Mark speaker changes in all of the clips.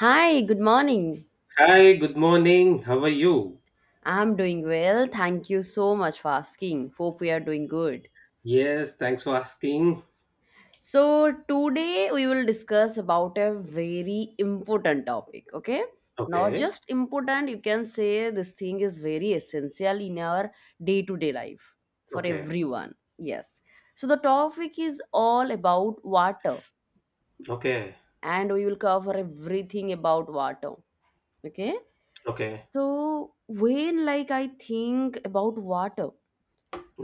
Speaker 1: Hi, good morning.
Speaker 2: Hi, good morning. How are you?
Speaker 1: I'm doing well. Thank you so much for asking. Hope we are doing good.
Speaker 2: Yes, thanks for asking.
Speaker 1: So, today we will discuss about a very important topic, okay? Not
Speaker 2: Okay,
Speaker 1: just important, you can say this thing is very essential in our day-to-day life for
Speaker 2: okay,
Speaker 1: everyone. Yes. So, the topic is all about water
Speaker 2: okay,
Speaker 1: and we will cover everything about water, okay?
Speaker 2: okay.
Speaker 1: So, when like I think about water,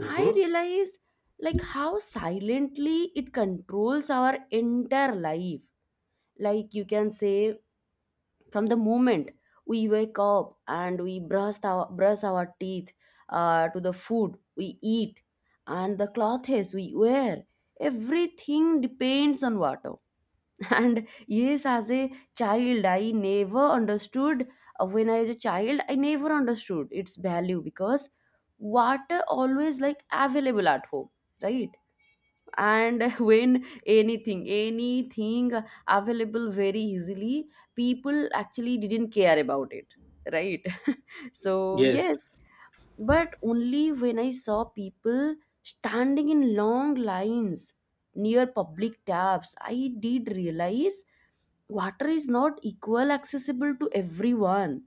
Speaker 1: I realize like how silently it controls our entire life. Like you can say from the moment we wake up and we brush our teeth, to the food we eat and the clothes we wear, everything depends on water. And yes, as a child, I never understood. When I was a child, I never understood its value because water always like available at home, right? And when anything available very easily, people actually didn't care about it, right. So yes,
Speaker 2: Yes,
Speaker 1: but only when I saw people standing in long lines near public taps, I did realize water is not equal accessible to everyone,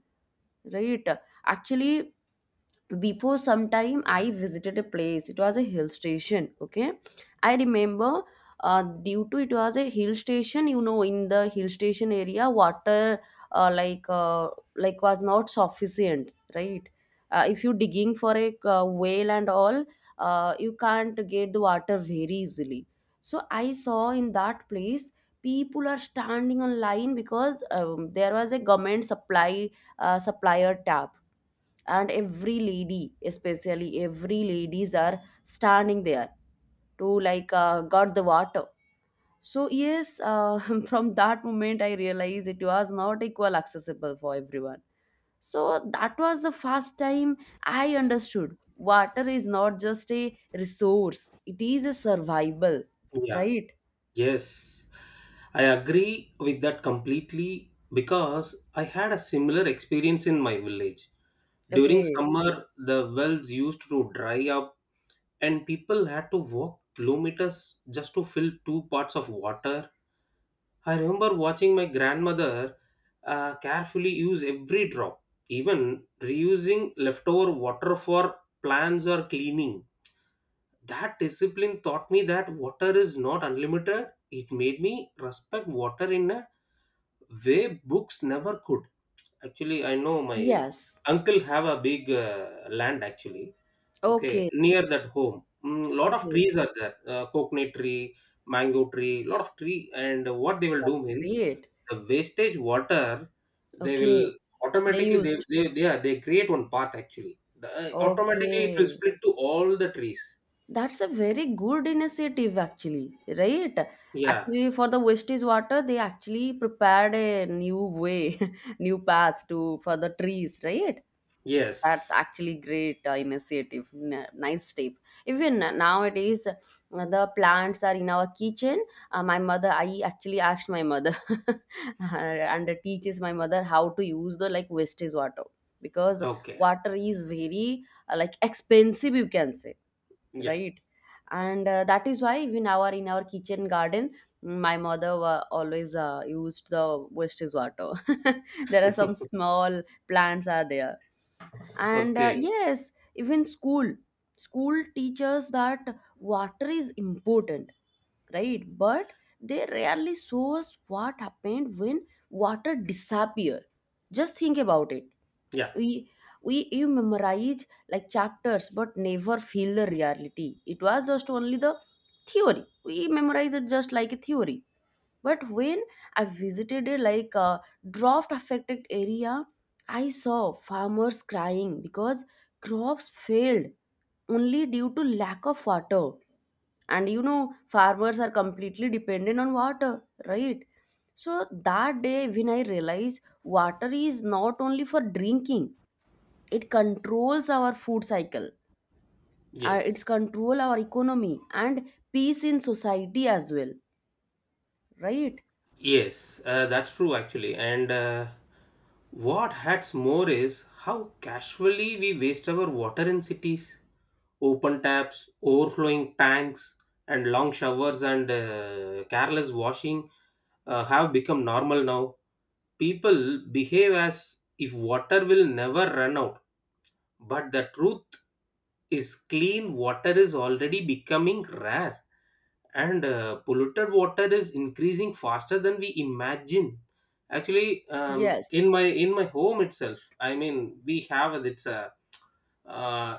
Speaker 1: right. Actually, before some time I visited a place, it was a hill station, okay. I remember, due to it was a hill station, you know, in the hill station area water, uh, like uh, was not sufficient, right. If you digging for a whale and all, you can't get the water very easily. So I saw in that place people are standing on line because there was a government supply, supplier tab, and every lady, especially every ladies are standing there to like got the water. So yes, from that moment I realized it was not equal accessible for everyone. So that was the first time I understood water is not just a resource, it is a survival,
Speaker 2: yeah,
Speaker 1: right.
Speaker 2: yes. I agree with that completely because I had a similar experience in my village. During
Speaker 1: Okay.
Speaker 2: summer, the wells used to dry up and people had to walk kilometers just to fill two parts of water. I remember watching my grandmother, carefully use every drop, even reusing leftover water for plants or cleaning. That discipline taught me that water is not unlimited. It made me respect water in a way books never could. Actually, I know my
Speaker 1: Yes.
Speaker 2: uncle have a big land actually. Okay,
Speaker 1: Okay.
Speaker 2: near that home, lot of
Speaker 1: Okay.
Speaker 2: trees are there. Coconut tree, mango tree, lot of tree. And what they will do
Speaker 1: That's
Speaker 2: means
Speaker 1: great.
Speaker 2: the wastage water they
Speaker 1: Okay.
Speaker 2: will
Speaker 1: They
Speaker 2: automatically
Speaker 1: used.
Speaker 2: they create one path actually the, automatically it will
Speaker 1: Okay,
Speaker 2: split to all the trees.
Speaker 1: that's a very good initiative actually, right?
Speaker 2: Yeah,
Speaker 1: Actually, for the wastage water, they actually prepared a new way, new path to for the trees, right? That's
Speaker 2: yes,
Speaker 1: actually great initiative, nice step. Even nowadays, the plants are in our kitchen. My mother, I actually asked my mother and teaches my mother how to use the like wastage water, because
Speaker 2: okay,
Speaker 1: water is very, like expensive you can say,
Speaker 2: yeah.
Speaker 1: right. And that is why even our in our kitchen garden, my mother always used the wastage water. There are some small plants are there. And
Speaker 2: Okay,
Speaker 1: yes, even school, school teaches that water is important, right, but they rarely show us what happened when water disappear. Just think about it.
Speaker 2: yeah,
Speaker 1: We we you memorize like chapters but never feel the reality. It was just only the theory, we memorize it just like a theory. But when I visited a like a drought affected area, I saw farmers crying because crops failed only due to lack of water. And you know, farmers are completely dependent on water, right. So that day when I realized water is not only for drinking, it controls our food cycle, it's
Speaker 2: yes,
Speaker 1: control our economy and peace in society as well, right.
Speaker 2: yes, that's true actually, and what hurts more is how casually we waste our water in cities. Open taps, overflowing tanks, and long showers and careless washing have become normal now. People behave as if water will never run out, but the truth is clean water is already becoming rare and polluted water is increasing faster than we imagine. Actually, in
Speaker 1: Yes.
Speaker 2: my in my home itself, I mean, we have it's uh,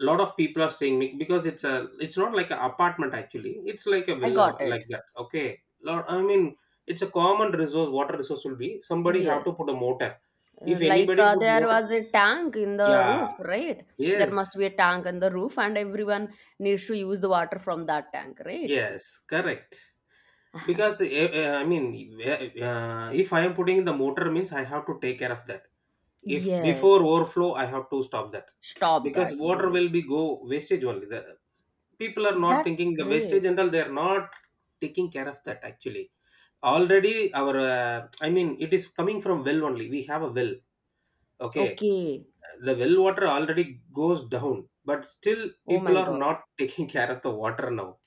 Speaker 2: a lot of people are staying mi- because it's a it's not like an apartment actually, it's like a
Speaker 1: I
Speaker 2: villa
Speaker 1: got it.
Speaker 2: like that. Okay, lot, I mean, it's a common resource, water resource will be somebody have to
Speaker 1: Yes.
Speaker 2: put a motor. If anybody put
Speaker 1: There
Speaker 2: motor,
Speaker 1: was a tank in the roof,
Speaker 2: yeah,
Speaker 1: right. There must
Speaker 2: yes,
Speaker 1: be a tank in the roof and everyone needs to use the water from that tank, right.
Speaker 2: yes, correct. Because I mean, if I am putting in the motor means I have to take care of that. If
Speaker 1: Yes,
Speaker 2: before overflow I have to stop that,
Speaker 1: stop
Speaker 2: because
Speaker 1: that,
Speaker 2: water
Speaker 1: yes.
Speaker 2: will be go wastage only. People are not
Speaker 1: That's
Speaker 2: thinking the
Speaker 1: great.
Speaker 2: wastage general, they are not taking care of that actually. Already our I mean, it is coming from well only, we have a well. Okay,
Speaker 1: Okay.
Speaker 2: the well water already goes down, but still
Speaker 1: Oh my
Speaker 2: people are
Speaker 1: god.
Speaker 2: not taking care of the water now.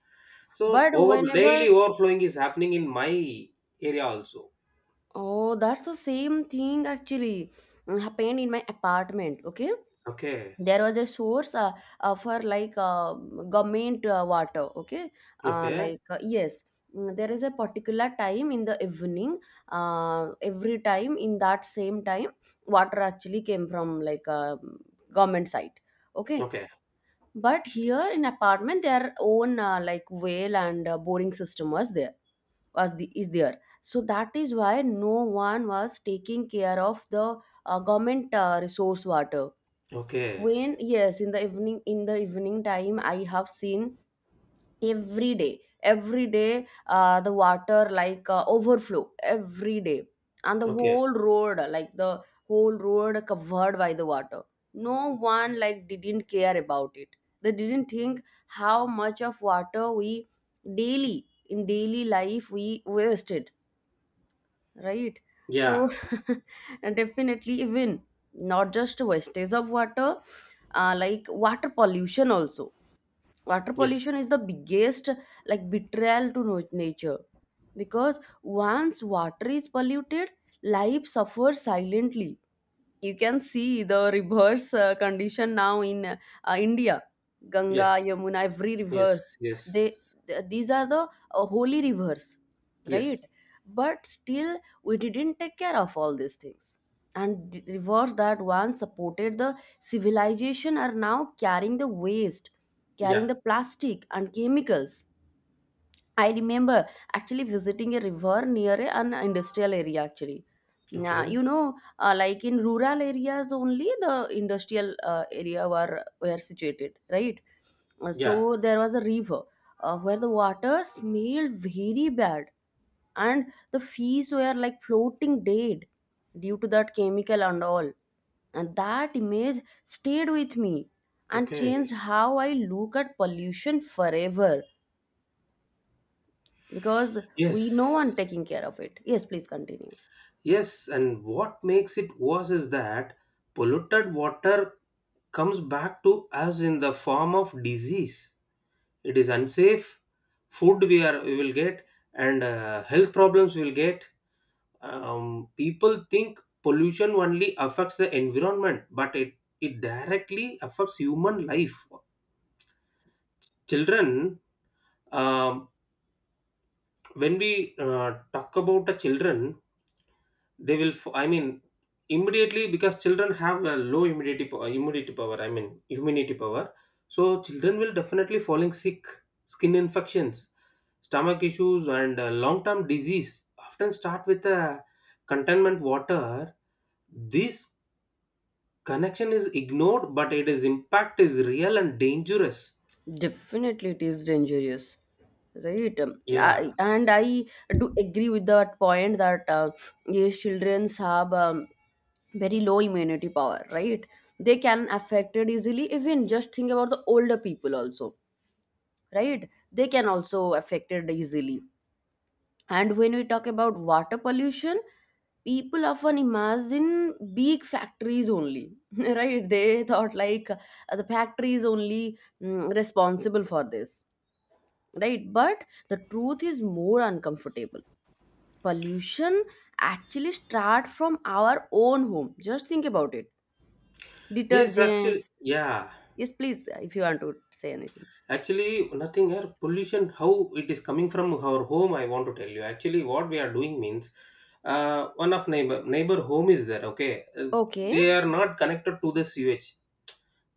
Speaker 2: So
Speaker 1: But
Speaker 2: over
Speaker 1: whenever.
Speaker 2: daily overflowing is happening in my area also.
Speaker 1: Oh, that's the same thing actually, mm, happened in my apartment. Okay,
Speaker 2: Okay,
Speaker 1: there was a source, for government water. Okay,
Speaker 2: okay,
Speaker 1: yes, mm, there is a particular time in the evening. Every time in that same time, water actually came from like government site. Okay,
Speaker 2: okay,
Speaker 1: but here in apartment, their own like well and boring system was there was the, is there. So that is why no one was taking care of the government resource water.
Speaker 2: okay,
Speaker 1: When yes in the evening, in the evening time I have seen every day the water like overflow every day, and the
Speaker 2: okay,
Speaker 1: whole road like the whole road covered by the water. No one like didn't care about it. They didn't think how much of water we daily in daily life we wasted, right. So
Speaker 2: yeah,
Speaker 1: and definitely, even not just wastage of water, like water pollution also. Water
Speaker 2: yes,
Speaker 1: pollution is the biggest like betrayal to nature, because once water is polluted, life suffers silently. You can see the reverse condition now in India. Ganga,
Speaker 2: yes,
Speaker 1: Yamuna, every
Speaker 2: yes,
Speaker 1: reverse.
Speaker 2: yes,
Speaker 1: They th- these are the holy rivers, right,
Speaker 2: yes,
Speaker 1: but still we didn't take care of all these things. And the rivers that once supported the civilization are now carrying the waste, carrying
Speaker 2: yeah,
Speaker 1: the plastic and chemicals. I remember actually visiting a river near an industrial area actually. Nah,
Speaker 2: okay,
Speaker 1: you know, like in rural areas only the industrial area were situated, right? So
Speaker 2: yeah,
Speaker 1: there was a river where the water smelled very bad, and the fish were like floating dead due to that chemical and all. And that image stayed with me and changed
Speaker 2: okay.
Speaker 1: how I look at pollution forever, because we no
Speaker 2: Yes,
Speaker 1: one taking care of it. Yes, please continue.
Speaker 2: yes, and what makes it worse is that polluted water comes back to us in the form of disease. It is unsafe. Food we are we will get, and health problems we will get. People think pollution only affects the environment, but it directly affects human life. Children um, when we talk about the children, they will f- I mean, immediately, because children have a low immunity po- immunity power, I mean immunity power, so children will definitely falling sick. Skin infections, stomach issues, and long term disease often start with a containment water. This connection is ignored, but it is impact is real and dangerous.
Speaker 1: Definitely it is dangerous, right.
Speaker 2: Yeah,
Speaker 1: And I do agree with that point that, yes, childrens have, very low immunity power, right. They can affected easily. Even just think about the older people also, right, they can also affected easily. And when we talk about water pollution, people often imagine big factories only, right? They thought like the factory is only, mm, responsible for this, right? But the truth is more uncomfortable. Pollution actually start from our own home. Just think about it.
Speaker 2: yes, actually,
Speaker 1: Detergents.
Speaker 2: yeah.
Speaker 1: Yes, please, if you want to say anything.
Speaker 2: Actually, nothing here. Pollution, how it is coming from our home, I want to tell you. Actually, what we are doing means, one of neighbor home is there. Okay, Uh,
Speaker 1: Okay.
Speaker 2: they are not connected to the sewage.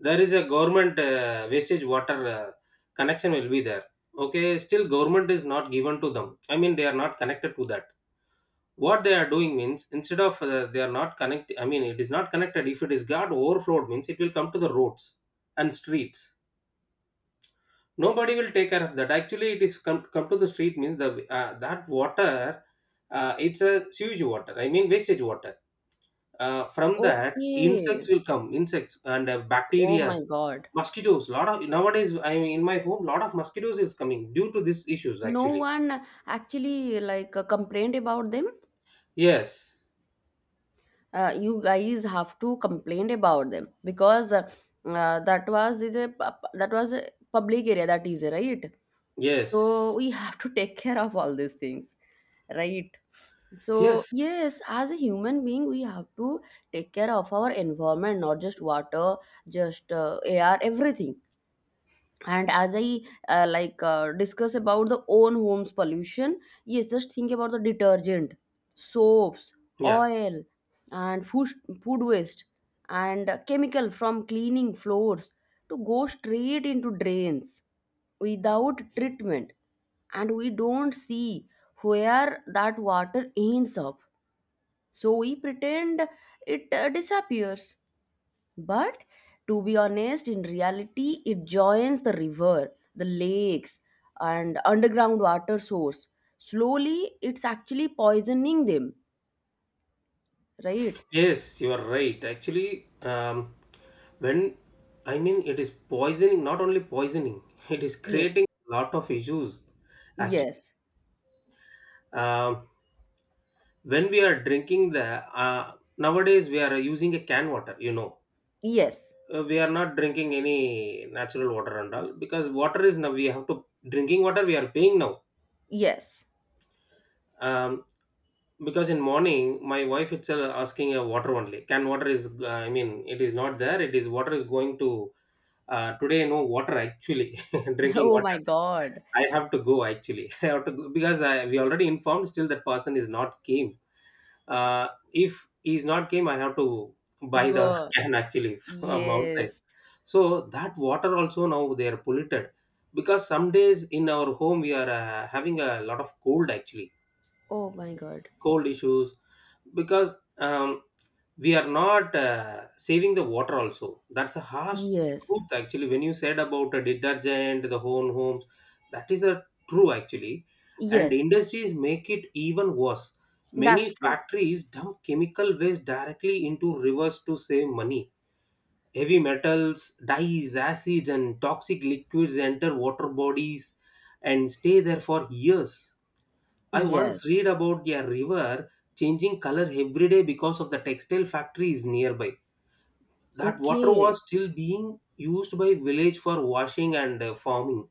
Speaker 2: There is a government wastage water connection will be there. Okay, still government is not given to them. I mean, they are not connected to that. What they are doing means instead of they are not connect, I mean, it is not connected. If it is got overflowed, means it will come to the roads and streets. Nobody will take care of that actually. It is come, come to the street means the that water, it's a sewage water, I mean wastage water. From that
Speaker 1: Okay.
Speaker 2: insects will come, insects and
Speaker 1: Oh
Speaker 2: bacteria,
Speaker 1: my God.
Speaker 2: mosquitoes. Lot of nowadays, I mean in my home lot of mosquitoes is coming due to these issues
Speaker 1: No
Speaker 2: actually.
Speaker 1: one actually like complained about them.
Speaker 2: Yes,
Speaker 1: Uh, you guys have to complain about them, because that was a public area, that is right. So
Speaker 2: yes,
Speaker 1: we have to take care of all these things, right. So
Speaker 2: yes,
Speaker 1: yes, as a human being we have to take care of our environment, not just water, just air, everything. And as I, discuss about the own homes pollution, yes, just think about the detergent, soaps,
Speaker 2: yeah,
Speaker 1: oil and food, food waste, and chemical from cleaning floors to go straight into drains without treatment. And we don't see where that water ends up. So we pretend it disappears, but to be honest, in reality, it joins the river, the lakes, and underground water source. Slowly, it's actually poisoning them, right?
Speaker 2: yes, you are right actually. um, when I mean it is poisoning, not only poisoning, it is
Speaker 1: Yes,
Speaker 2: creating lot of issues actually.
Speaker 1: yes,
Speaker 2: Um, when we are drinking the nowadays we are using a can water, you know.
Speaker 1: yes,
Speaker 2: We are not drinking any natural water and all, because water is now we have to drinking water we are paying now.
Speaker 1: yes.
Speaker 2: Um, because in morning my wife itself asking a water, only can water is I mean it is not there, it is water is going to today no water actually. Drinking
Speaker 1: Oh
Speaker 2: water
Speaker 1: my god.
Speaker 2: I have to go actually. I have to go because I, we already informed, still that person is not came. If is not came, I have to buy the
Speaker 1: Go.
Speaker 2: can actually from outside.
Speaker 1: Yes.
Speaker 2: So that water also now they are polluted, because some days in our home we are having a lot of cold actually,
Speaker 1: Oh my god.
Speaker 2: cold issues, because um, we are not saving the water also. That's a harsh
Speaker 1: Yes,
Speaker 2: truth actually. When you said about a detergent the homes, that is a true actually. And
Speaker 1: yes,
Speaker 2: industries make it even worse. Many
Speaker 1: that's true.
Speaker 2: factories dump chemical waste directly into rivers to save money. Heavy metals, dyes, acids, and toxic liquids enter water bodies and stay there for years. I once
Speaker 1: Yes.
Speaker 2: read about a river changing color every day because of the textile factories nearby. That water
Speaker 1: Okay.
Speaker 2: was still being used by village for washing and farming,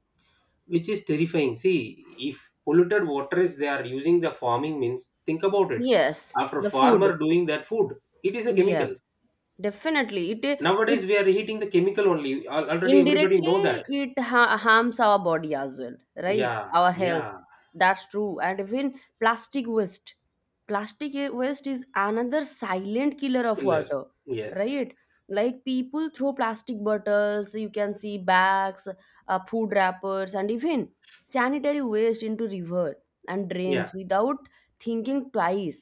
Speaker 2: which is terrifying. See, if polluted water is they are using the farming means, think about it.
Speaker 1: Yes,
Speaker 2: After
Speaker 1: the food.
Speaker 2: farmer doing that food, it is a chemical.
Speaker 1: Yes. Definitely. It i-
Speaker 2: Nowadays
Speaker 1: it
Speaker 2: we are eating the chemical only. Al- Already everybody know
Speaker 1: indirectly
Speaker 2: that.
Speaker 1: harms our body as well, right,
Speaker 2: Yeah,
Speaker 1: our health.
Speaker 2: yeah,
Speaker 1: That's true. And even plastic waste, waste is another silent killer of
Speaker 2: killer.
Speaker 1: water,
Speaker 2: Yes.
Speaker 1: right. Like people throw plastic bottles, you can see, bags, food wrappers, and even sanitary waste into river and drains
Speaker 2: Yeah.
Speaker 1: without thinking twice.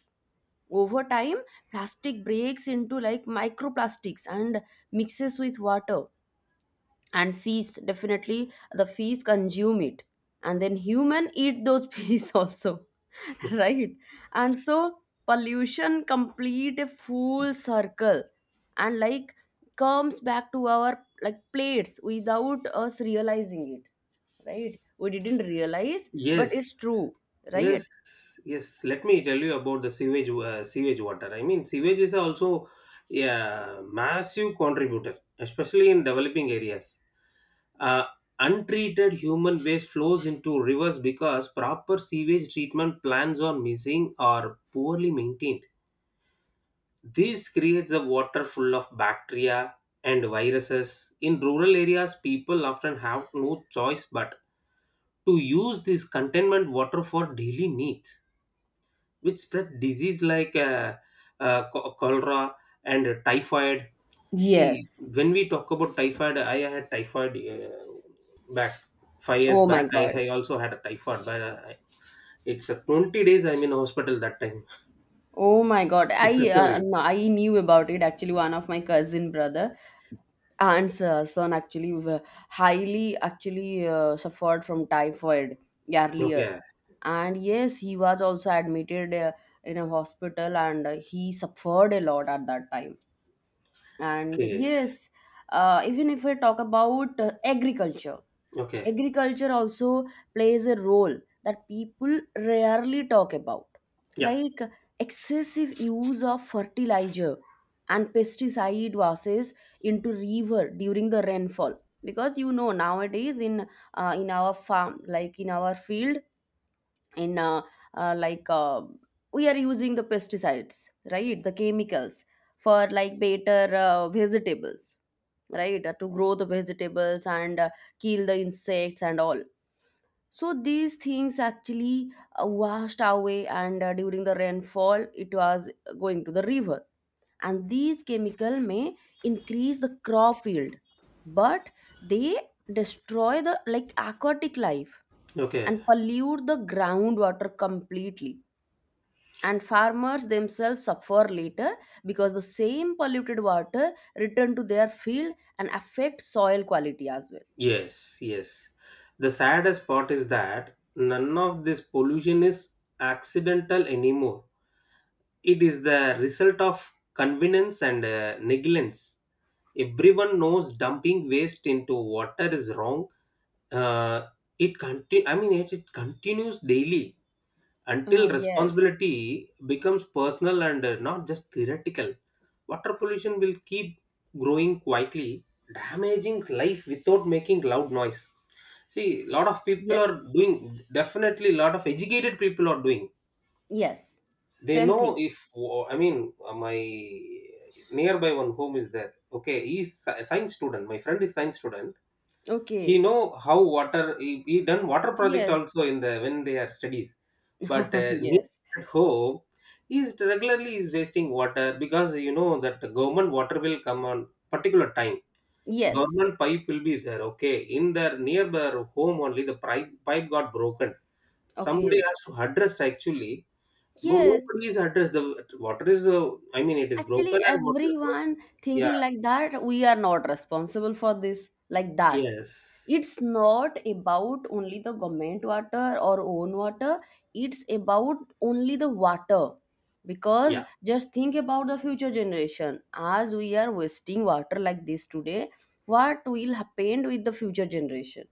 Speaker 1: Over time, plastic breaks into like microplastics and mixes with water, and fees, definitely the fees consume it, and then human eat those fees also, right. And so pollution complete a full circle and like comes back to our like plates without us realizing it, right. We didn't realize, but
Speaker 2: Yes,
Speaker 1: it's true, right.
Speaker 2: yes, yes. Let me tell you about the sewage, sewage water. I mean, sewage is also a massive contributor, especially in developing areas. Uh, Untreated human waste flows into rivers because proper sewage treatment plans are missing or poorly maintained. This creates a water full of bacteria and viruses. In rural areas, people often have no choice but to use this containment water for daily needs, which spread disease like cho- cholera and typhoid. See,
Speaker 1: Yes.
Speaker 2: when we talk about typhoid, I had typhoid back 5 years
Speaker 1: Oh my
Speaker 2: back. I,
Speaker 1: god.
Speaker 2: I also had a typhoid, but it's a 20 days I'm in hospital that time.
Speaker 1: Oh my God. I,
Speaker 2: Sorry.
Speaker 1: no, I knew about it. Actually, one of my cousin brother, aunt's son actually highly actually suffered from typhoid earlier.
Speaker 2: Okay.
Speaker 1: And yes, he was also admitted in a hospital, and he suffered a lot at that time. And
Speaker 2: Okay.
Speaker 1: yes, even if we talk about agriculture,
Speaker 2: Okay.
Speaker 1: agriculture also plays a role that people rarely talk about.
Speaker 2: Yeah.
Speaker 1: Like excessive use of fertilizer and pesticide washes into river during the rainfall. Because you know, nowadays in, in our farm, like in our field, in like we are using the pesticides, right, the chemicals for like better vegetables, right, to grow the vegetables and kill the insects and all. So these things actually washed away, and during the rainfall, it was going to the river. And these chemical may increase the crop yield, but they destroy the like aquatic life
Speaker 2: Okay.
Speaker 1: and pollute the groundwater completely. And farmers themselves suffer later, because the same polluted water return to their field and affect soil quality as well.
Speaker 2: Yes, yes. The saddest part is that none of this pollution is accidental anymore. It is the result of convenience and negligence. Everyone knows dumping waste into water is wrong. Uh, it conti- I mean, it continues daily. Until
Speaker 1: Yes,
Speaker 2: responsibility becomes personal and not just theoretical, water pollution will keep growing quietly, damaging life without making loud noise. See, lot of people
Speaker 1: yes,
Speaker 2: are doing, definitely, lot of educated people are doing.
Speaker 1: yes.
Speaker 2: They
Speaker 1: Same
Speaker 2: know
Speaker 1: thing.
Speaker 2: if, oh, I mean, my nearby one home is there. Okay, he's a science student. My friend is science student. He
Speaker 1: Okay.
Speaker 2: know how water he done water project
Speaker 1: Yes.
Speaker 2: also in the when they are studies, but
Speaker 1: Oh,
Speaker 2: near
Speaker 1: yes.
Speaker 2: at home he is regularly is wasting water, because you know that the government water will come on particular time.
Speaker 1: Yes.
Speaker 2: Government pipe will be there, okay, in their nearby home only the pipe got broken. Somebody
Speaker 1: Okay.
Speaker 2: has to address actually. No,
Speaker 1: Yes.
Speaker 2: nobody is addressed. The water is I mean it is
Speaker 1: Actually,
Speaker 2: broken and water is going.
Speaker 1: everyone thinking
Speaker 2: Yeah,
Speaker 1: like that, we are not responsible for this, like that.
Speaker 2: yes,
Speaker 1: It's not about only the government water or own water. It's about only the water. Because
Speaker 2: yeah,
Speaker 1: just think about the future generation. As we are wasting water like this today, what will happen with the future generation?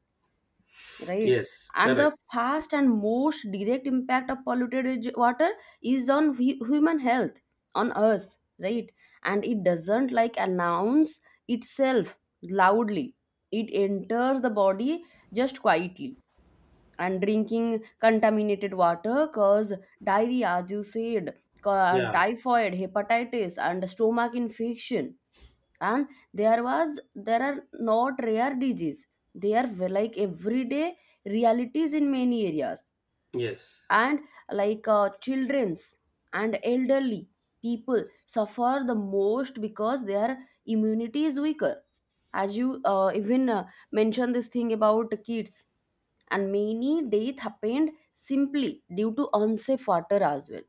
Speaker 1: Right.
Speaker 2: yes,
Speaker 1: And the
Speaker 2: correct,
Speaker 1: fast and most direct impact of polluted water is on human health, on us, right? And it doesn't like announce itself loudly. It enters the body just quietly. And drinking contaminated water cause diarrhea, as you said, and
Speaker 2: yeah,
Speaker 1: typhoid, hepatitis, and stomach infection. And there are not rare disease. They are like everyday realities in many areas.
Speaker 2: yes.
Speaker 1: And like children's and elderly people suffer the most because their immunity is weaker, as you even mentioned this thing about kids. And many death happened simply due to unsafe water as well,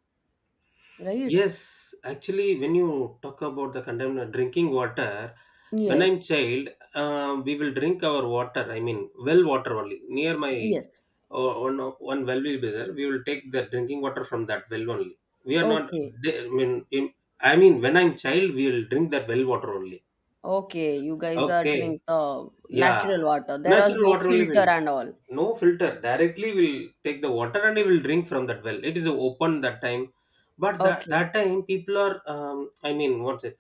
Speaker 1: right?
Speaker 2: Yes, actually, when you talk about the condemn drinking water, when
Speaker 1: Yes,
Speaker 2: I'm child, we will drink our water, I mean well water only. Near my
Speaker 1: yes,
Speaker 2: one well will be there. We will take the drinking water from that well only. We are not.
Speaker 1: okay.
Speaker 2: I mean, in, I mean, when I'm child, we will drink that well water only.
Speaker 1: Okay, you guys are
Speaker 2: Okay.
Speaker 1: drink the
Speaker 2: Yeah.
Speaker 1: natural water. There was
Speaker 2: Natural
Speaker 1: no
Speaker 2: water only will
Speaker 1: filter and all.
Speaker 2: no filter directly will take the water and he will drink from that well, it is open that time. But that,
Speaker 1: Okay,
Speaker 2: that time people are I mean what's it,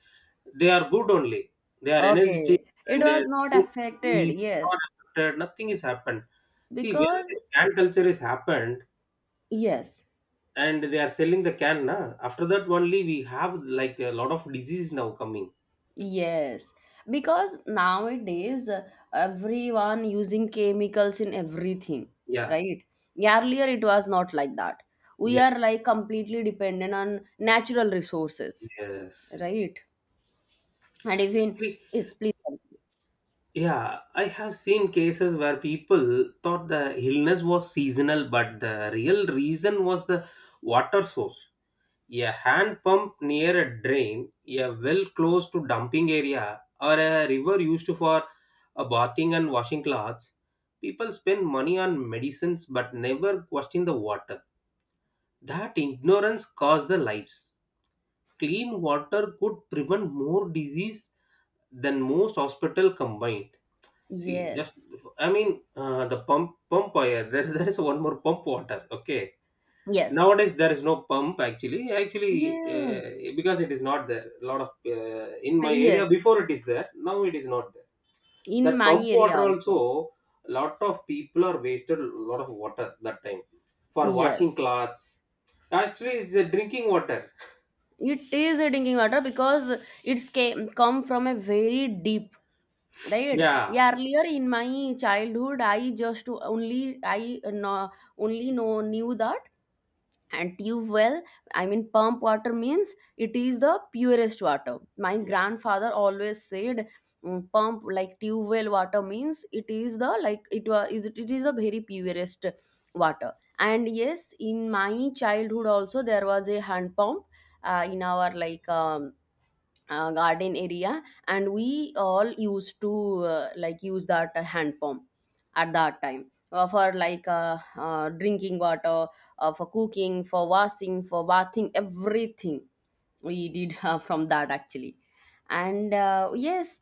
Speaker 2: they are good only, they are energetic
Speaker 1: okay. It
Speaker 2: and
Speaker 1: was not affected,
Speaker 2: is not
Speaker 1: yes.
Speaker 2: affected, nothing is happened. See, when
Speaker 1: Because,
Speaker 2: this can culture is happened
Speaker 1: yes,
Speaker 2: and they are selling the can na, after that only we have like a lot of disease now coming.
Speaker 1: yes. Because nowadays, everyone using chemicals in everything,
Speaker 2: Yeah,
Speaker 1: right? Earlier, it was not like that. We
Speaker 2: yes,
Speaker 1: are like completely dependent on natural resources,
Speaker 2: yes.
Speaker 1: right? And even,
Speaker 2: See,
Speaker 1: yes, please, continue.
Speaker 2: yeah, I have seen cases where people thought the illness was seasonal, but the real reason was the water source. A hand pump near a drain, a well close to dumping area, or a river used for a bathing and washing clothes. People spend money on medicines but never question the water. That ignorance caused the lives. Clean water could prevent more disease than most hospital combined. See, just
Speaker 1: Yes,
Speaker 2: I mean the pump wire. There is one more pump water. Okay,
Speaker 1: yes,
Speaker 2: nowadays there is no pump actually.
Speaker 1: yes.
Speaker 2: Because it is not there. A lot of in my area
Speaker 1: Yes,
Speaker 2: before it is there. Now it is not there.
Speaker 1: in
Speaker 2: That
Speaker 1: my
Speaker 2: pump
Speaker 1: area
Speaker 2: water
Speaker 1: also.
Speaker 2: also, a lot of people are wasted a lot of water that time for washing
Speaker 1: Yes,
Speaker 2: clothes. Actually, it's a drinking water.
Speaker 1: it is a drinking water because it's came, come from a very deep, right?
Speaker 2: Yeah.
Speaker 1: Yeah, earlier in my childhood, I just only I no only know knew that. And tube well, I mean pump water means it is the purest water, my
Speaker 2: Yeah.
Speaker 1: grandfather always said. Pump like tube well water means it is the like it is the very purest water. And yes, in my childhood also there was a hand pump in our like garden area, and we all used to like use that hand pump at that time for like drinking water, for cooking, for washing, for bathing, everything we did from that actually. And yes,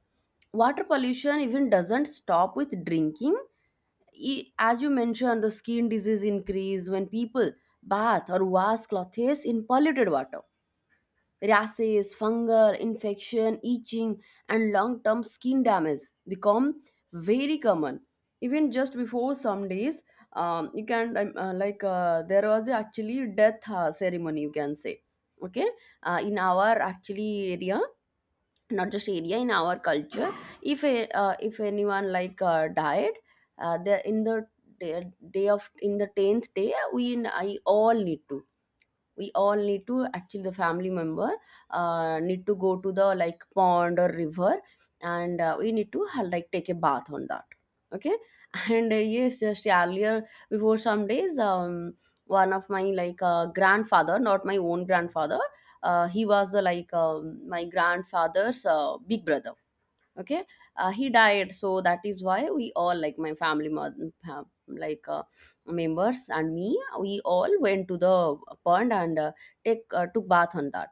Speaker 1: water pollution even doesn't stop with drinking. As you mentioned, the skin disease increase when people bath or wash clothes in polluted water. Rashes, fungal infection, itching, and long term skin damage become very common. Even just before some days, you can, like, there was actually death ceremony, you can say. Okay, in our actually area, not just area, in our culture, if a, if anyone like died, the in the day, day of in the tenth day, we all need to actually the family member need to go to the like pond or river, and we need to like take a bath on that. Okay. And yes, just earlier before some days, one of my like grandfather, not my own grandfather, he was the like my grandfather's big brother. Okay. He died, so that is why we all like my like members and me, we all went to the pond, and take took bath on that.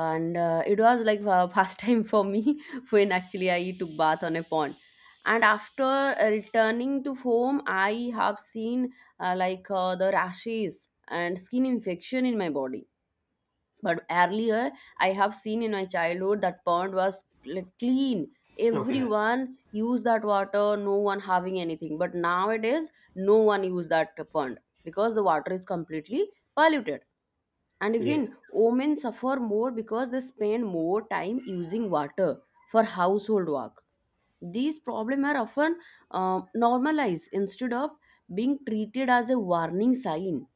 Speaker 1: And it was like first time for me when actually I took bath on a pond. And after returning to home, I have seen like the rashes and skin infection in my body. But earlier, I have seen in my childhood that pond was like clean,
Speaker 2: Okay.
Speaker 1: everyone used that water, no one having anything. But nowadays no one use that pond because the water is completely polluted. And
Speaker 2: Yes.
Speaker 1: even women suffer more because they spend more time using water for household work. These problems are often normalized instead of being treated as a warning sign,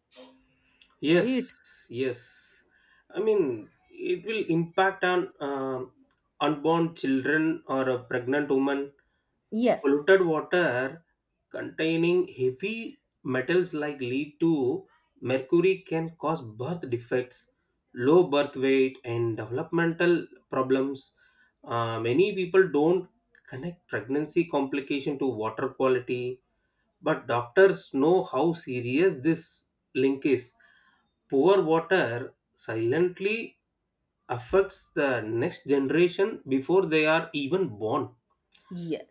Speaker 2: Yes,
Speaker 1: right?
Speaker 2: yes. It will impact on unborn children or a pregnant woman.
Speaker 1: Yes,
Speaker 2: Polluted water containing heavy metals like lead to mercury can cause birth defects, low birth weight, and developmental problems. Many people don't connect pregnancy complication to water quality, but doctors know how serious this link is. Poor water silently affects the next generation before they are even born.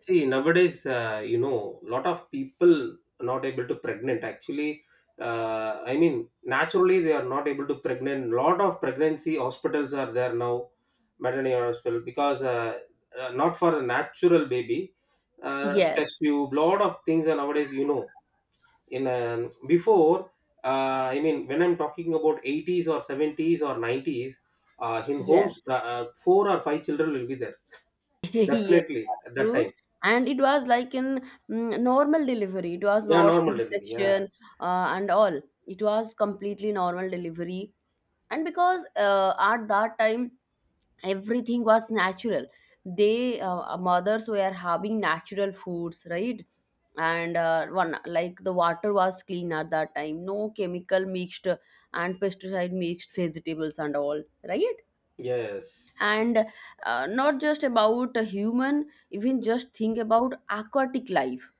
Speaker 2: See, nowadays, lot of people not able to pregnant. I mean, naturally they are not able to pregnant. Lot of pregnancy hospitals are there now, maternity hospital, because not for a natural baby,
Speaker 1: yes.
Speaker 2: test tube, lot of things are nowadays. You know, in before I mean when I'm talking about 80s or 70s or 90s in homes
Speaker 1: Yes.
Speaker 2: four or five children will be there
Speaker 1: Yes,
Speaker 2: definitely at that
Speaker 1: true.
Speaker 2: time.
Speaker 1: And it was like in normal delivery. It was
Speaker 2: Yeah,
Speaker 1: not
Speaker 2: normal delivery, yeah.
Speaker 1: C-section and all. It was completely normal delivery. And because at that time everything was natural. They mothers were having natural foods, right? And one like the water was clean at that time. No chemical mixed and pesticide mixed vegetables and all, right?
Speaker 2: Yes.
Speaker 1: And not just about a human, even just think about aquatic life.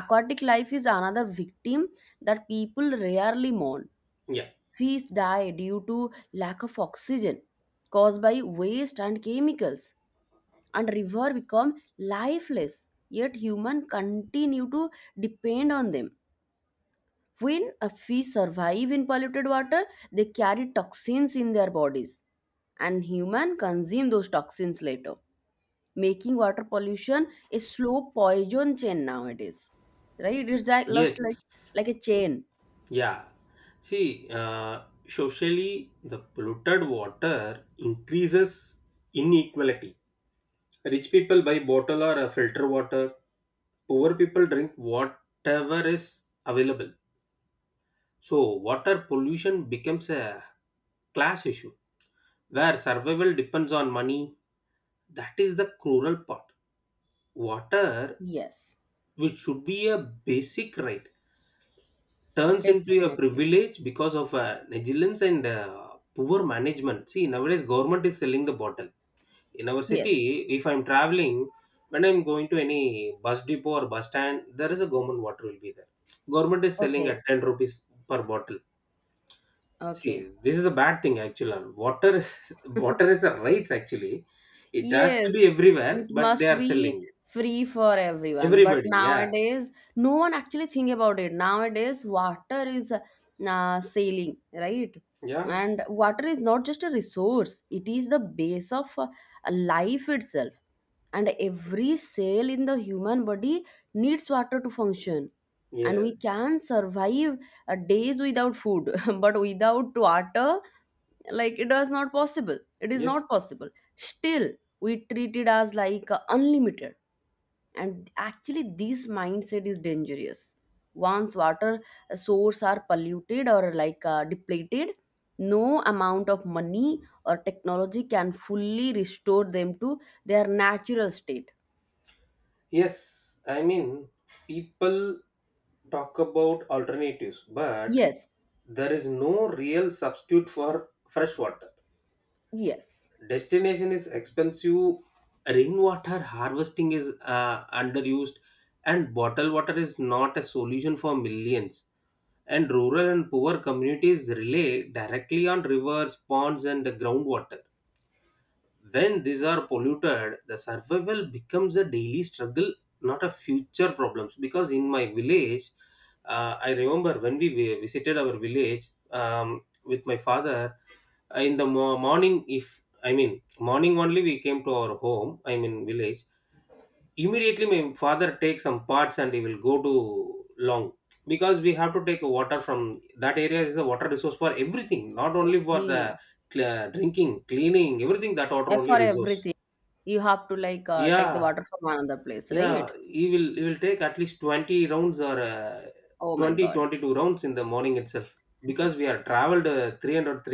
Speaker 1: Aquatic life is another victim that people rarely mourn.
Speaker 2: Yeah.
Speaker 1: Fish die due to lack of oxygen caused by waste and chemicals, and river become lifeless, yet human continue to depend on them. When a fish survive in polluted water, they carry toxins in their bodies, and human consume those toxins later, making water pollution a slow poison chain nowadays, right? It's like lost
Speaker 2: Yes.
Speaker 1: like a chain.
Speaker 2: Yeah. See, socially the polluted water increases inequality. Rich people buy bottle or filter water, poor people drink whatever is available. So, water pollution becomes a class issue where survival depends on money. That is the cruel part. Water,
Speaker 1: Yes,
Speaker 2: which should be a basic right, turns into a
Speaker 1: definitely.
Speaker 2: privilege because of negligence and poor management. See, nowadays government is selling the bottle. In our
Speaker 1: Yes,
Speaker 2: city, if I'm traveling, when I'm going to any bus depot or bus stand, there is a government water will be there. Government is selling
Speaker 1: okay,
Speaker 2: at 10 rupees per bottle.
Speaker 1: okay.
Speaker 2: See, this is a bad thing actually. Water is water is a rights actually. It has to be
Speaker 1: Yes, it
Speaker 2: everywhere, but they
Speaker 1: must
Speaker 2: are
Speaker 1: be
Speaker 2: selling.
Speaker 1: free for everyone. But
Speaker 2: Everybody, yeah.
Speaker 1: nowadays, no one actually think about it. Nowadays, water is sailing, right?
Speaker 2: Yeah.
Speaker 1: And water is not just a resource; it is the base of life itself. And every cell in the human body needs water to function. And we
Speaker 2: Yes.
Speaker 1: can survive days without food, but without water, it is not
Speaker 2: Yes.
Speaker 1: possible. Still we treat it as like unlimited, and actually this mindset is dangerous. Once water source are polluted or like depleted, no amount of money or technology can fully restore them to their natural state.
Speaker 2: Yes. I mean, people talk about alternatives, but
Speaker 1: Yes,
Speaker 2: there is no real substitute for fresh water.
Speaker 1: yes,
Speaker 2: Destination is expensive, rainwater harvesting is underused, and bottled water is not a solution for millions, and rural and poor communities rely directly on rivers, ponds, and groundwater. When these are polluted, the survival becomes a daily struggle, not a future problems. Because in my village, I remember when we visited our village with my father. In the morning, if I mean morning only, we came to our home. I mean village. Immediately, my father takes some parts and he will go to long, because we have to take water from that area is the water resource for everything, not only for
Speaker 1: okay.
Speaker 2: the drinking, cleaning, everything. That water
Speaker 1: Eh,
Speaker 2: only
Speaker 1: for
Speaker 2: resource.
Speaker 1: everything you have to like take the
Speaker 2: Yeah,
Speaker 1: water from another place,
Speaker 2: yeah.
Speaker 1: right?
Speaker 2: He will take at least 20 rounds or
Speaker 1: Oh my god.
Speaker 2: 22 rounds in the morning itself because we are traveled 300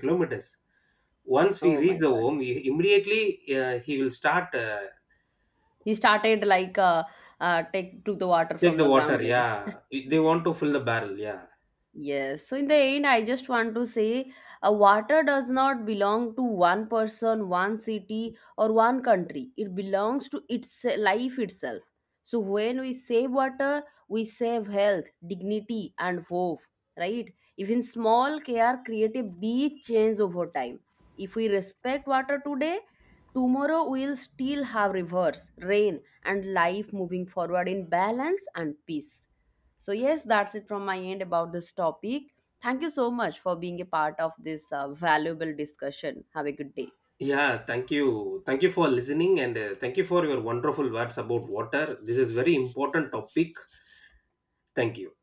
Speaker 2: kilometers. Once we
Speaker 1: Oh my
Speaker 2: reach the
Speaker 1: god.
Speaker 2: home, immediately he will start
Speaker 1: He started like take took the water
Speaker 2: take
Speaker 1: from
Speaker 2: the
Speaker 1: the ground
Speaker 2: water.
Speaker 1: level.
Speaker 2: Yeah, they want to fill the barrel. Yeah.
Speaker 1: Yes, so in the end, I just want to say water does not belong to one person, one city, or one country. It belongs to its life itself. So when we save water, we save health, dignity, and hope, right? Even small care create a big change over time. If we respect water today, tomorrow we'll still have rivers, rain, and life moving forward in balance and peace. So, yes, that's it from my end about this topic. Thank you so much for being a part of this valuable discussion. Have a good day.
Speaker 2: Yeah, thank you. Thank you for listening and thank you for your wonderful words about water. This is very important topic. Thank you.